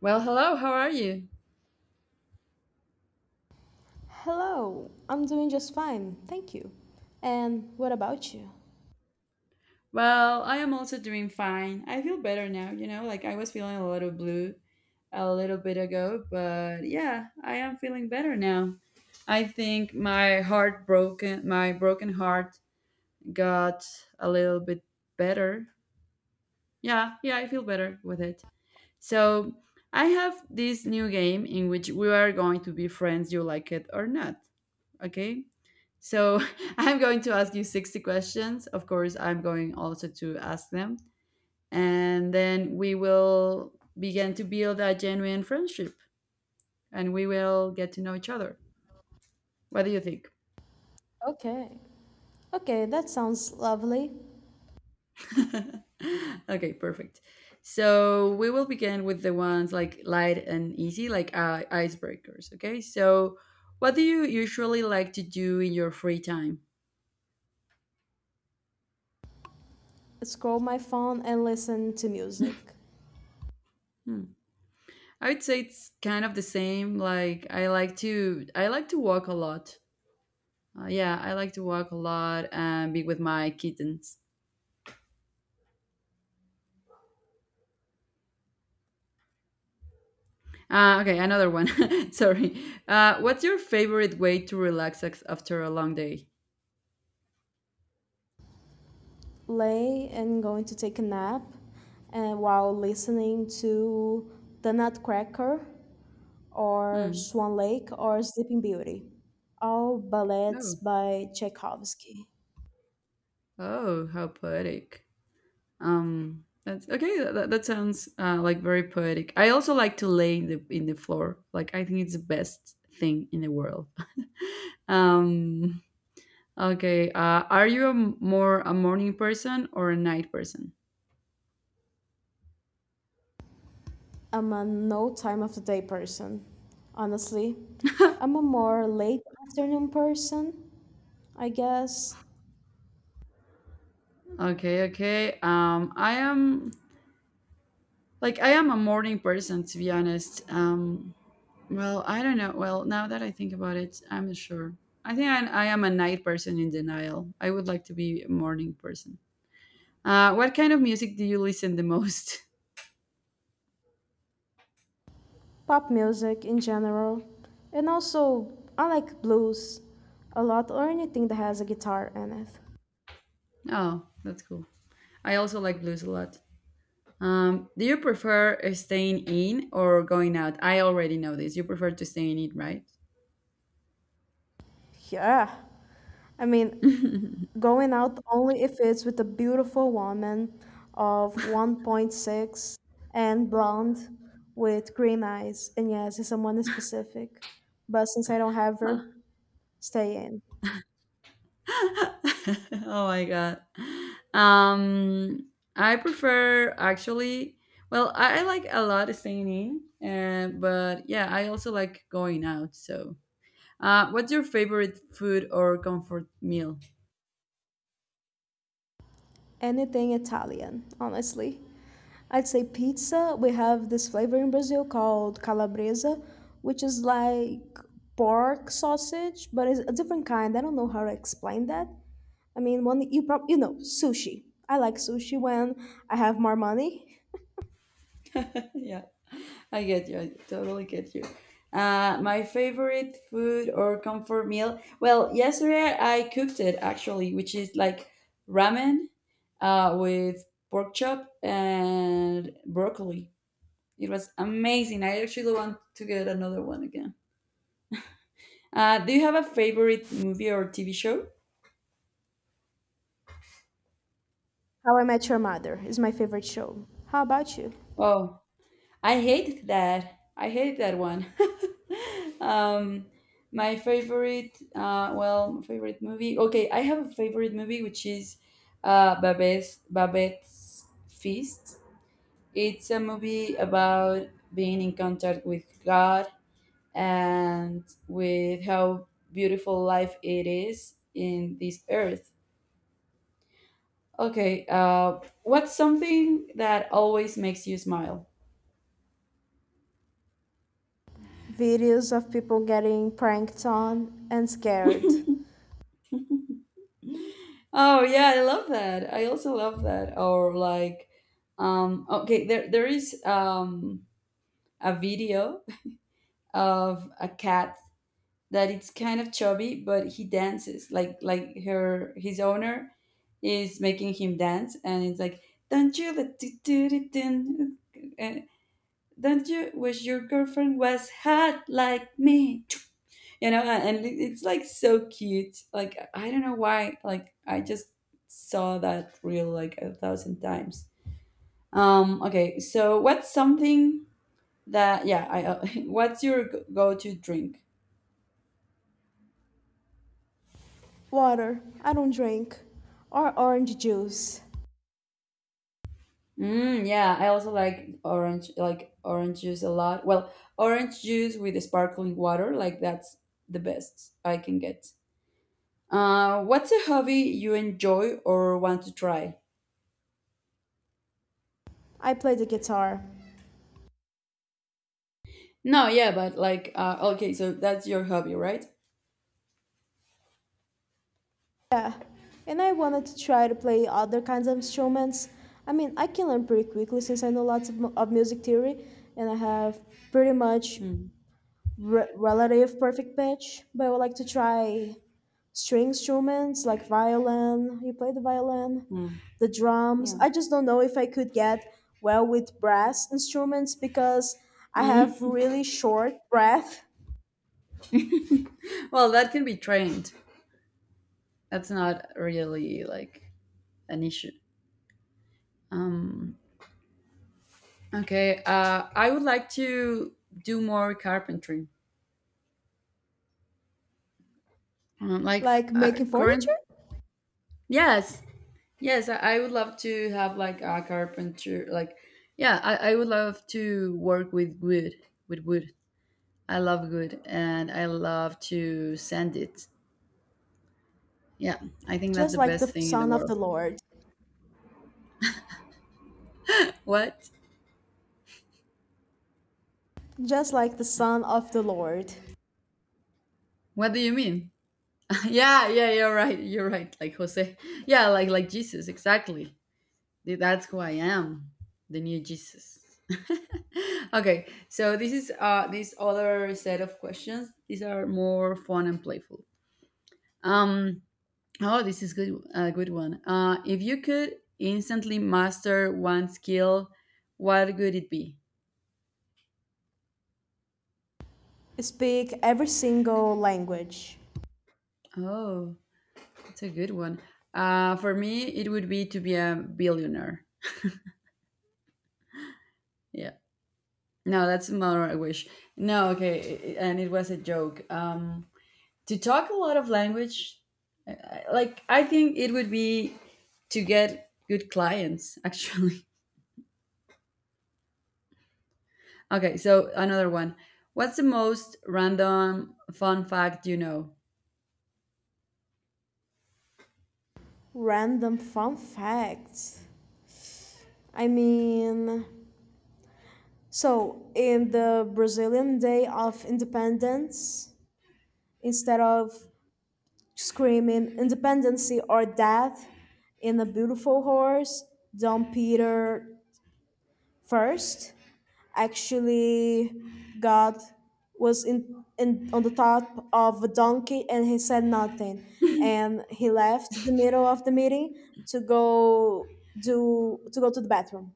Well, hello, how are you? Hello, I'm doing just fine, thank you. And what about you? Well, I am also doing fine. I feel better now, like I was feeling a little blue a little bit ago, but yeah, I am feeling better now. I think my broken heart got a little bit better. Yeah, yeah, I feel better with it. So, I have this new game in which we are going to be friends, you like it or not. Okay. So I'm going to ask you 60 questions. Of course, I'm going also to ask them. And then we will begin to build a genuine friendship and we will get to know each other. What do you think? Okay. Okay, that sounds lovely. Okay, perfect. So we will begin with the ones like light and easy, like icebreakers. Okay. So what do you usually like to do in your free time? Scroll my phone and listen to music. Hmm. I would say it's kind of the same. Like I like to walk a lot. Yeah, I like to walk a lot and be with my kittens. Okay, another one. Sorry. What's your favorite way to relax after a long day? Lay and going to take a nap and while listening to The Nutcracker or Hmm. Swan Lake or Sleeping Beauty. All Oh, ballets by Tchaikovsky. oh, how poetic. That's okay. That sounds like very poetic. I also like to lay in the floor. Like I think it's the best thing in the world. um Okay. Are you a more a morning person or a night person? I'm a no time of the day person, honestly. I'm a more late afternoon person I guess. Okay. Okay. I am, like, I am a morning person to be honest. Well, I don't know. Well, now that I think about it, I'm not sure. I think I am a night person in denial. I would like to be a morning person. What kind of music do you listen the most? Pop music in general, and also I like blues a lot or anything that has a guitar in it. Oh, that's cool. I also like blues a lot. Do you prefer staying in or going out? I already know this. You prefer to stay in it, right? Yeah, I Oh mean, going out only if it's with a beautiful woman of 1.6 and blonde with green eyes, and yes, it's someone in specific. But since I don't have her, stay in. my god. Um, I prefer, actually. Well, I like a lot staying in, but yeah, I also like going out. So, what's your favorite food or comfort meal? Anything Italian, honestly. I'd say pizza. We have this flavor in Brazil called calabresa, which is like pork sausage, but it's a different kind. I don't know how to explain that. I mean, one you prob you know sushi. I like sushi when I have more money. Yeah. I get you. I totally get you. My favorite food or comfort meal. Well, yesterday I cooked it actually, which is like ramen, with pork chop and broccoli. It was amazing. I actually want to get another one again. Do you have a favorite movie or TV show? How I Met Your Mother is my favorite show. How about you? Oh. I hate that. I hate that one. um, my favorite movie. Okay, I have a favorite movie which is Babette's Feast. It's a movie about being in contact with God and with how beautiful life it is in this earth. Okay, what's something that always makes you smile? Videos of people getting pranked on and scared. Oh yeah, I love that. I also love that. Or like, okay, there is a video of a cat that it's kind of chubby, but he dances like her his owner is making him dance, and it's like, don't you let do do do do, uh, don't you wish your girlfriend was hot like me? And it's like so cute, like I don't know why, like I just saw that reel like a thousand times. Okay, so what's something that yeah I what's your go-to drink? Water. I don't drink. Or orange juice. Yeah, I also like orange juice a lot. Well, orange juice with sparkling water, like that's the best I can get. What's a hobby you enjoy or want to try? I play the guitar. No, yeah, but like okay, so that's your hobby, right? Yeah, and I wanted to try to play other kinds of instruments. I mean, I can learn pretty quickly since I know lots of, of music theory and I have pretty much Hmm. Relative perfect pitch. But I would like to try string instruments like violin. You play the violin, Mm, the drums. yeah. I just don't know if I could get well with brass instruments because I have Mm. really short breath, Well, that can be trained. That's not really like an issue. Um, okay. I would like to do more carpentry. Like, like making furniture, current. Yes. Yes. I would love to have like a carpenter. Like, yeah. I would love to work with wood. With wood. I love wood, and I love to sand it. Yeah. I think that's just the like best the thing in the sound of the world. Lord. What? Just like the Son of the Lord, What do you mean? Yeah, yeah, you're right. You're right. Like Jose. Yeah, like Jesus, exactly. That's who I am. The new Jesus. Okay, so this is this other set of questions. These are more fun and playful. Um oh, this is good a good one. If you could instantly master one skill, what would it be? speak every single language. Oh, it's a good one. For me it would be to be a billionaire. Yeah. No, that's more I wish. No, okay, and it was a joke. To talk a lot of language, like I think it would be to get good clients, actually. Okay, so another one. What's the most random fun fact you know? Random fun facts. I mean, so in the Brazilian Day of Independence, instead of screaming independency or death in a beautiful horse, Dom Peter the first. Actually, God was in on the top of a donkey and he said nothing. And he left the middle of the meeting to go do to go to the bathroom.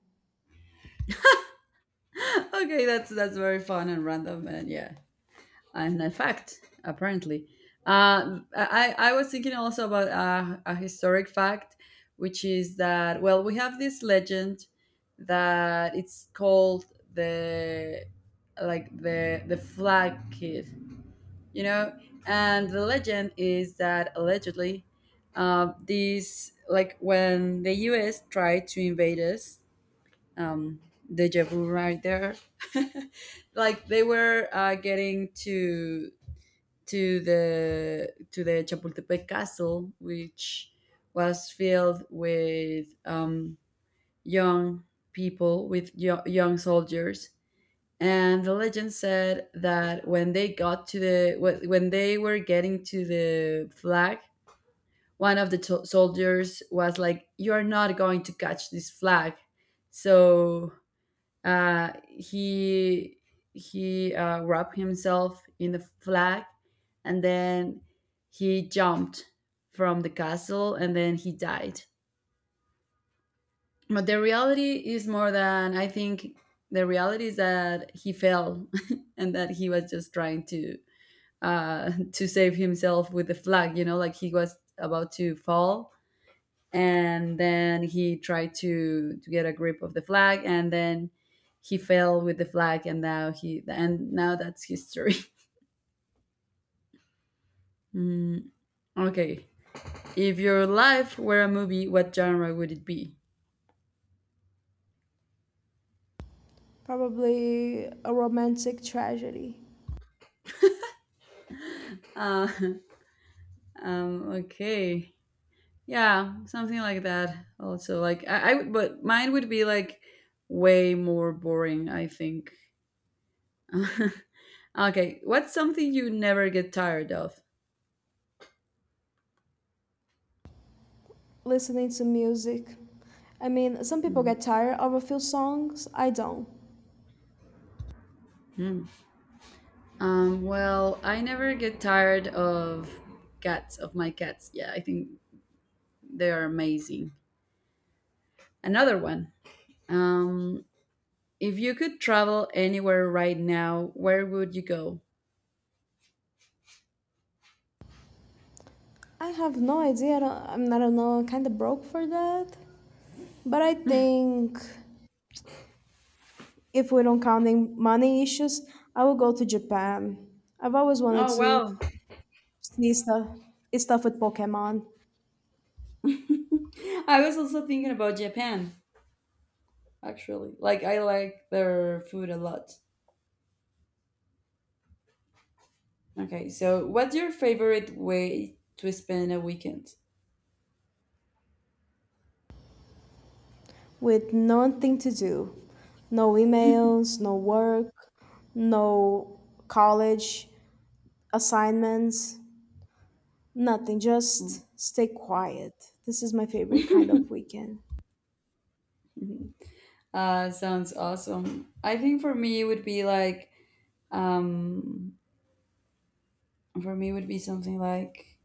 Okay, that's very fun and random, and yeah. And in fact, apparently, I was thinking also about a historic fact, which is that, well, we have this legend that it's called the like the flag kid, you know. And the legend is that allegedly, these like when the us tried to invade us. um, Deja vu right there. Like they were getting to the Chapultepec Castle, which was filled with young people, with young soldiers. And the legend said that when they were getting to the flag, one of the soldiers was like, "You are not going to catch this flag." So, uh, he he wrapped himself in the flag, and then he jumped from the castle, and then he died. But the reality is more than I think. The reality is that he fell, and that he was just trying to to save himself with the flag. Like he was about to fall, and then he tried to get a grip of the flag, and then he fell with the flag, and now he and now that's history. mm, okay. If your life were a movie, what genre would it be? Probably a romantic tragedy. uh, okay, yeah, something like that also. Like, but mine would be like way more boring, I think. Okay, what's something you never get tired of? Listening to music. I mean, some people Hmm. get tired of a few songs. I don't. Hmm. Well, I never get tired of cats, of my cats. Yeah, I think they are amazing. Another one. Um, if you could travel anywhere right now, where would you go? I have no idea. I don't, I mean, I don't know. I'm kind of broke for that. But I think if we don't counting money issues, I will go to Japan. I've always wanted Oh, to wow. see stuff, stuff with Pokemon, I was also thinking about Japan, actually. Like, I like their food a lot. Okay, so what's your favorite way to spend a weekend? with nothing to do, no emails, no work, no college assignments, nothing. Mm. Just stay quiet. This is my favorite kind of weekend. Sounds awesome. I think for me, it would be like, um, for me, would be something like,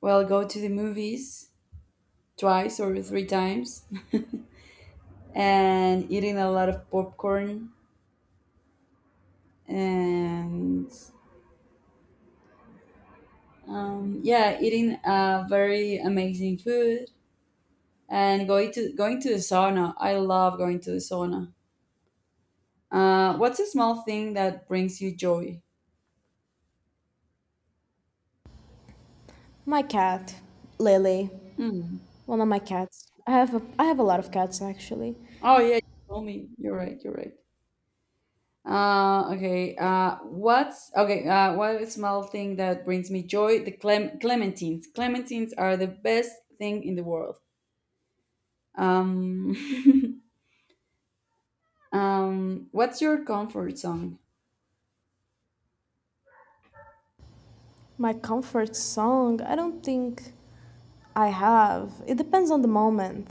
well, go to the movies twice or three times, and eating a lot of popcorn, and yeah, eating very amazing food, and going to the sauna. I love going to the sauna. What's a small thing that brings you joy? My cat, Lily, Hmm. one of my cats. I have a lot of cats actually. Oh yeah, you told me. You're right. You're right. Okay. What's okay? What is small thing that brings me joy? The clementines. Clementines are the best thing in the world. Um, what's your comfort song? My comfort song. I don't think I have. It depends on the moment.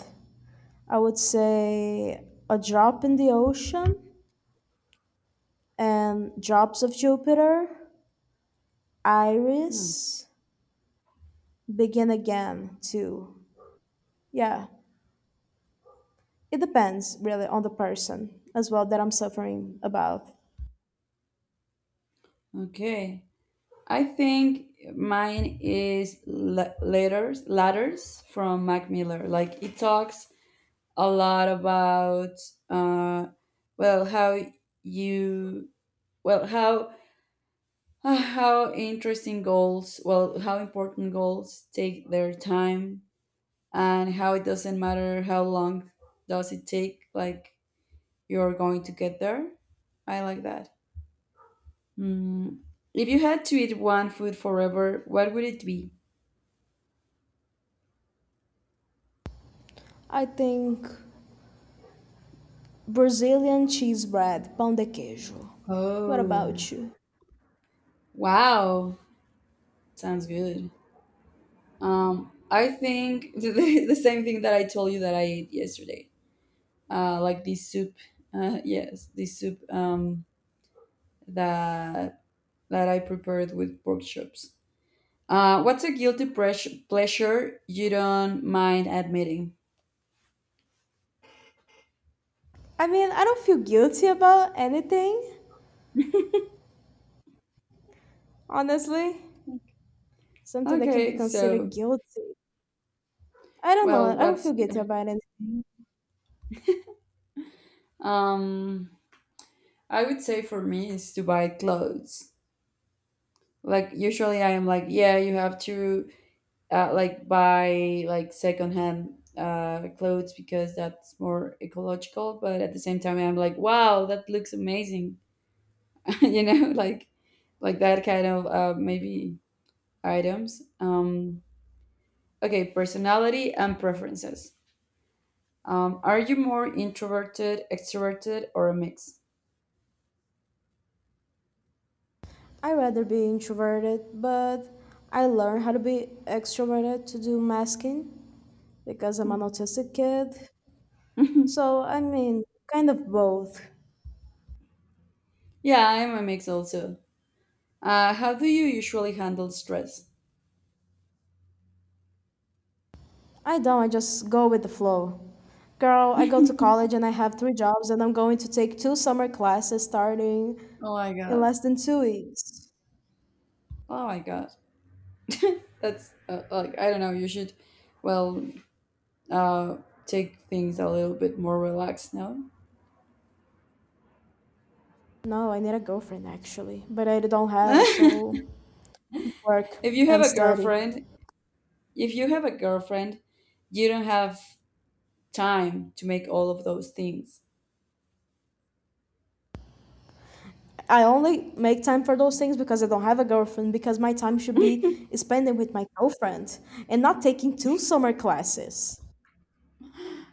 I would say A Drop in the Ocean and Drops of Jupiter, Hmm, Iris, Begin Again, too. Yeah, it depends really on the person as well that I'm suffering about. okay. I think mine is ladders from Mac Miller. Like it talks a lot about, uh, well, how you well how, Ah, how how important goals take their time, and how it doesn't matter how long does it take, like you're going to get there. I like that. Mm. If you had to eat one food forever, what would it be? I think Brazilian cheese bread, pão de queijo. What Oh, about you? wow. Sounds good. I think same thing that I told you that I ate yesterday. Like, this soup. Yes, this soup, that I prepared with pork chops. What's a guilty pleasure you don't mind admitting? I mean, I don't feel guilty about anything, honestly. Something that can be Okay, considered so, guilty. I don't know. well, I don't what's feel guilty about anything. um I would say for me is to buy clothes. Like usually I am like, yeah, you have to like buy like secondhand clothes because that's more ecological, but at the same time I'm like, wow, that looks amazing. you know, like like that kind of, maybe, items. Okay, personality and preferences. Are you more introverted, extroverted, or a mix? I rather be introverted, but I learned how to be extroverted to do masking because I'm an Hmm. autistic kid. So I mean, kind of both. Yeah, I'm a mix also. How do you usually handle stress? I don't. I just go with the flow. Girl, I go to college and I have 3 jobs, and I'm going to take 2 summer classes starting Oh my in god. less than 2 weeks. Oh my god. That's like, I don't know. You should, well, uh, take things a little bit more relaxed now. No, I need a girlfriend actually, but I don't have, so if I just work you have and a study. girlfriend, If you have a girlfriend, you don't have time to make all of those things. I only make time for those things because I don't have a girlfriend, because my time should be spending with my girlfriend and not taking 2 summer classes.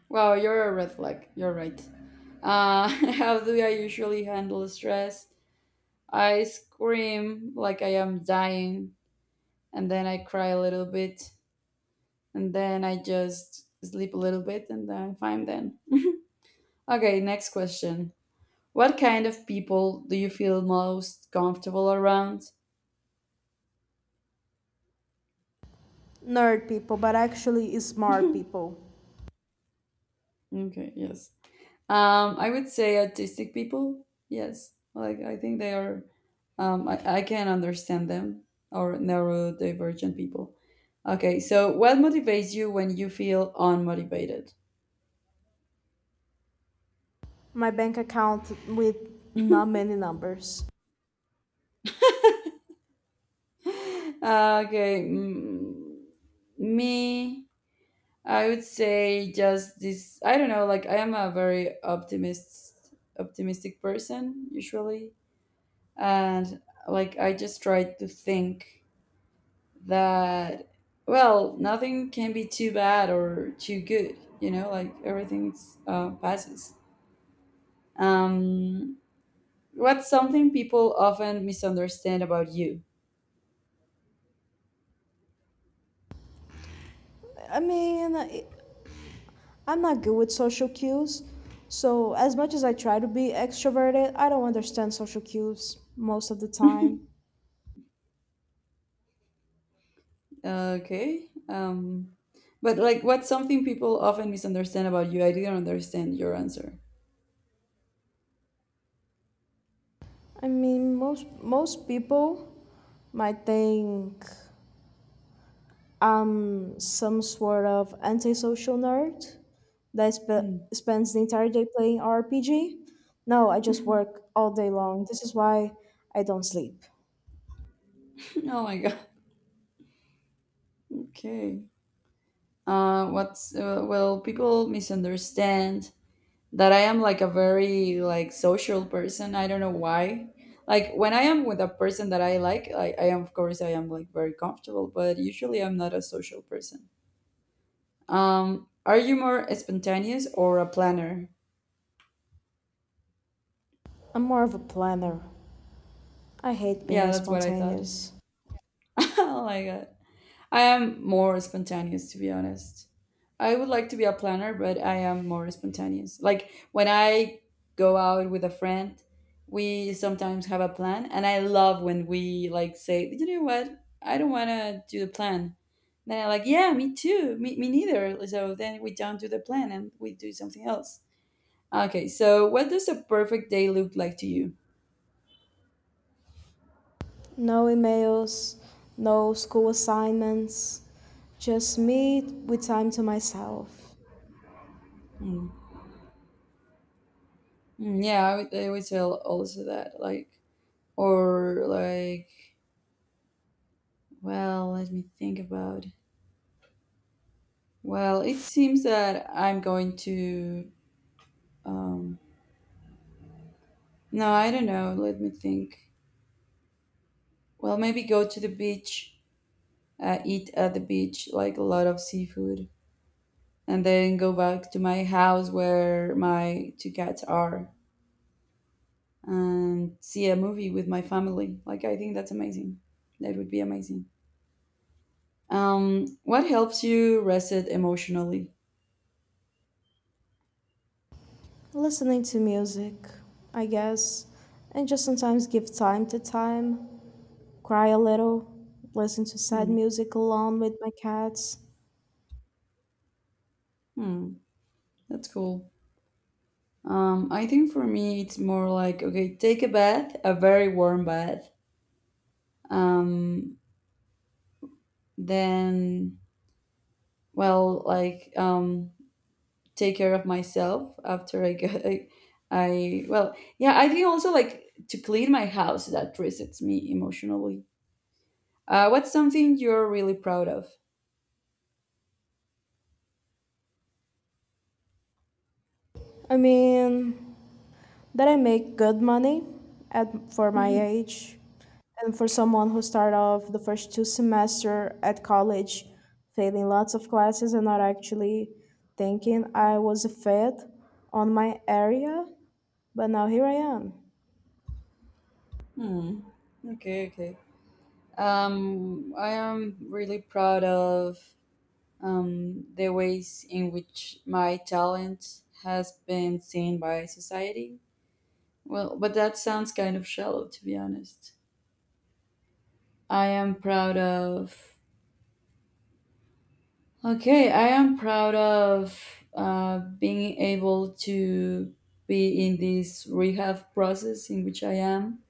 Wow, you're a red flag. You're right. Uh, how do I usually handle stress? I scream like I am dying, and then I cry a little bit, and then I just sleep a little bit, and then I'm fine then. Okay, next question. What kind of people do you feel most comfortable around? Nerd people, but actually smart people. Okay, yes. I would say autistic people. Yes, like I think they are. I can understand them or neurodivergent people. Okay, so what motivates you when you feel unmotivated? My bank account with not many numbers. Okay, mm, me. I would say just this. I don't know. Like I am a very optimistic person usually, and like I just try to think that well nothing can be too bad or too good, like everything's passes. um what's something people often misunderstand about you? I mean, I- I'm not good with social cues, so as much as I try to be extroverted, I don't understand social cues most of the time. Okay, but like what's something people often misunderstand about you? I didn't understand your answer. I mean, most people might think I'm some sort of antisocial nerd that Hmm. spends the entire day playing RPG. No, I Oh just work all day long. This is why I don't sleep. my god. Okay, what's well, people misunderstand that I am like a very like social person. I don't know why. Like when I am with a person that I like, I am, of course I am like very comfortable, but usually I'm not a social person. Are you more spontaneous or a planner? I'm more of a planner. I hate Yeah, being that's what I thought. spontaneous. Oh my god. I am more spontaneous, to be honest. I would like to be a planner, but I am more spontaneous. Like when I go out with a friend, we sometimes have a plan, and I love when we like say, "You know what? I don't want to do the plan." Then I'm like, "Yeah, me too. Me neither." So then we don't do the plan and we do something else. Okay, so what does a perfect day look like to you? No emails, no school assignments, just me with time to myself. Mm. Mm, yeah, I would tell also that, like, or like, well, let me think about. Well, it seems that I'm going to. Um, no, I don't know. Let me think. Well, maybe go to the beach, eat at the beach like a lot of seafood, and then go back to my house where my two cats are and see a movie with my family. Like, I think that's amazing. That would be amazing. What helps you reset emotionally? Listening to music, I guess, and just sometimes give time to time. Cry a little, listen to sad Hmm. music alone with my cats. Hmm. That's cool. I think for me, it's more like, okay, take a bath, a very warm bath. Um, then, well, take care of myself after I get. I well, yeah, I think also like to clean my house that resets me emotionally. What's something you're really proud of? I mean, that I make good money at for my age, and for someone who started off the first two semester at college, failing lots of classes and not actually thinking I was a fit on my area, but now here I am. Hmm. Okay, okay. I am really proud of, the ways in which my talent has been seen by society. Well, but that sounds kind of shallow, to be honest. I am proud of. Okay, I am proud of, being able to be in this rehab process in which I am,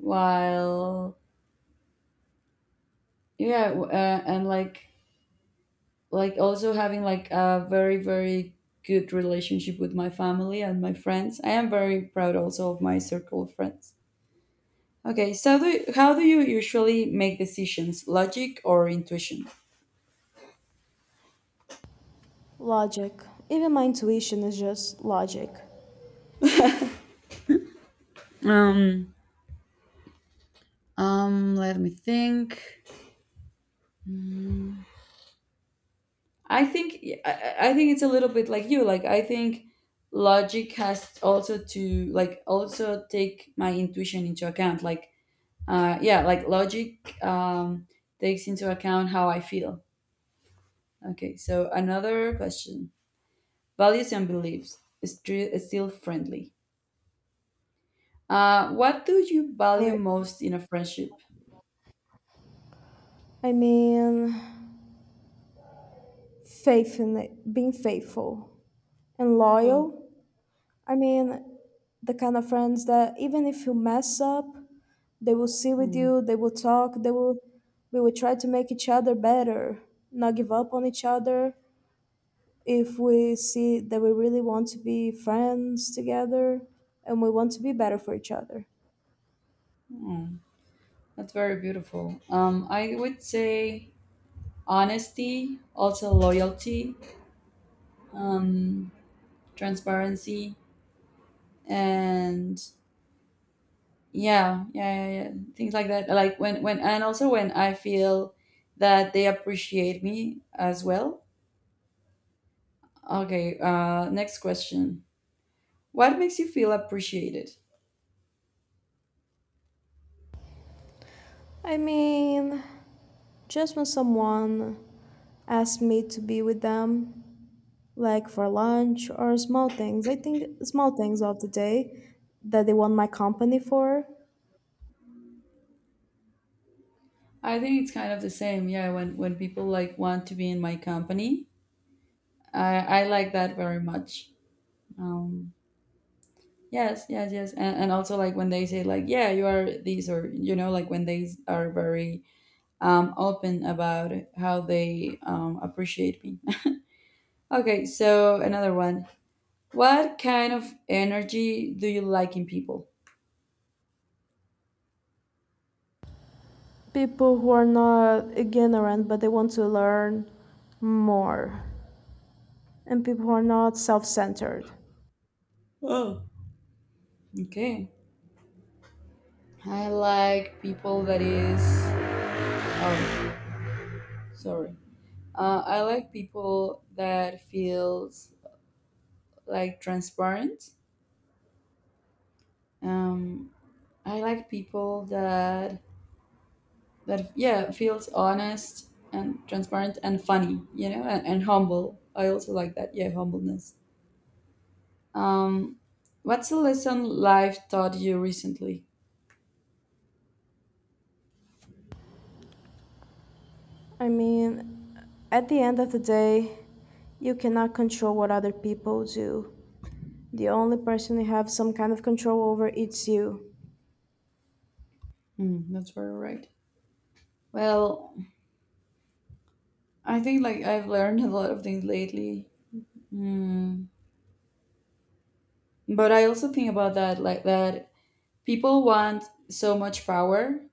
while yeah, and like also having like a very good relationship with my family and my friends. I am very proud also of my circle of friends. Okay, so do, how do you usually make decisions, logic or intuition? Logic. Even my intuition is just logic. Um um let me think. I think, I think it's a little bit like you, like I think logic has also to like also take my intuition into account, like, yeah, like logic takes into account how I feel. Okay, so another question. Values and beliefs is is still friendly. What do you value Or, most in a friendship? I mean, faith in it, being faithful and Oh, loyal. I mean, the kind of friends that even if you mess up, they will sit with hmm, you, they will talk, they will we will try to make each other better, not give up on each other. If we see that we really want to be friends together and we want to be better for each other. that's very beautiful. I would say honesty, also loyalty, um, transparency, and yeah, things like that. Like and also when I feel that they appreciate me as well. Okay, next question. What makes you feel appreciated? I mean, just when someone asks me to be with them, like for lunch or small things, I think small things of the day that they want my company for, I think it's kind of the same. Yeah, when people like want to be in my company, I like that very much. Um, yes, and also like when they say like, yeah, you are these, or you know, like when they are very open about how they appreciate me. Okay, so another one. What kind of energy do you like in people? people who are not ignorant but they want to learn more and people who are not self-centered. Okay, I like people that is. Oh, sorry. I like people that feels like transparent. Um, I like people that yeah feels honest and transparent and funny, you know, and humble. I also like that. Yeah, humbleness. Um, what's a lesson life taught you recently? I mean, at the end of the day you cannot control what other people do. The only person you have some kind of control over is you. Hmm, that's very right. Well, I think like I've learned a lot of things lately. Hmm. But I also think about that like that people want so much power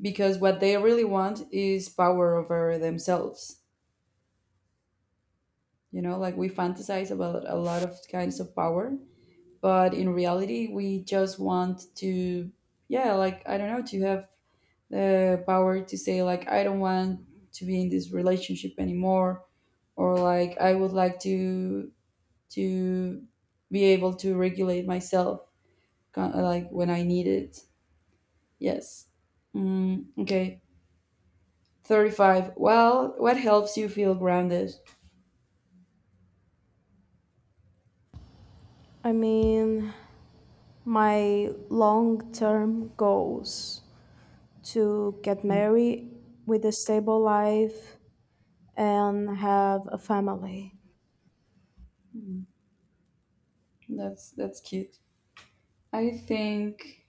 because what they really want is power over themselves. You know, like we fantasize about a lot of kinds of power, but in reality, we just want to, yeah, like I don't know, to have the power to say, like, I don't want to be in this relationship anymore, or like, I would like to be able to regulate myself, kind like when I need it. Yes. Mm, okay. 35. Well, what helps you feel grounded? I mean, my long-term goals to get Mm. married with a stable life and have a family. Mm, that's cute. I think,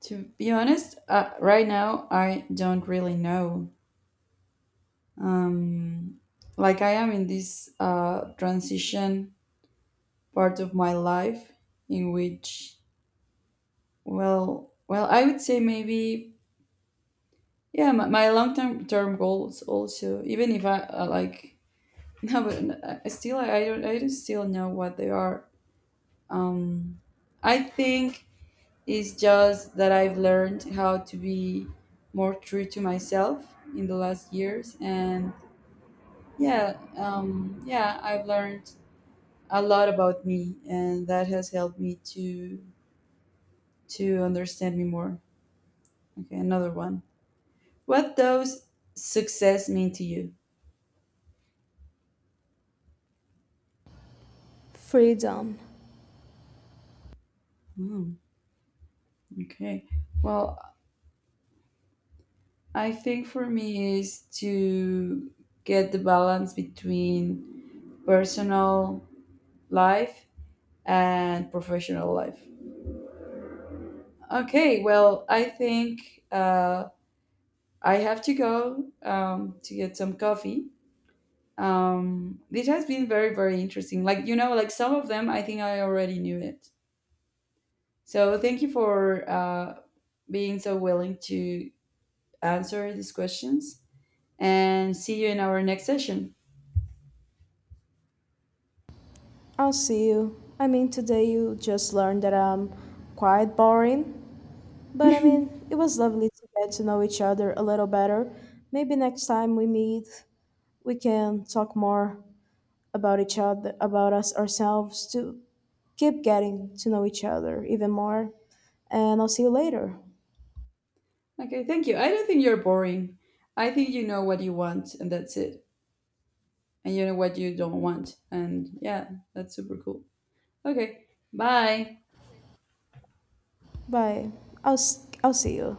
to be honest, right now I don't really know. Um, like I am in this transition part of my life in which, well, I would say maybe, yeah, my long term goals also. Even if I like, no, but I still I don't still know what they are. Um, I think it's just that I've learned how to be more true to myself in the last years, and yeah, yeah, I've learned a lot about me, and that has helped me to understand me more. Okay, another one. What does success mean to you? Freedom. Hmm, okay. Well, I think for me is to get the balance between personal life and professional life. Okay, well, I think I have to go to get some coffee. This has been very, very interesting. Like, you know, like some of them, I think I already knew it. So thank you for being so willing to answer these questions and see you in our next session. I'll see you. I mean, today you just learned that I'm quite boring, but I mean, it was lovely to get to know each other a little better. Maybe next time we meet, we can talk more about each other, about us ourselves to keep getting to know each other even more. And I'll see you later. Okay, thank you. I don't think you're boring. I think you know what you want, and that's it. And you know what you don't want. And yeah, that's super cool. Okay, bye. Bye. I'll see you.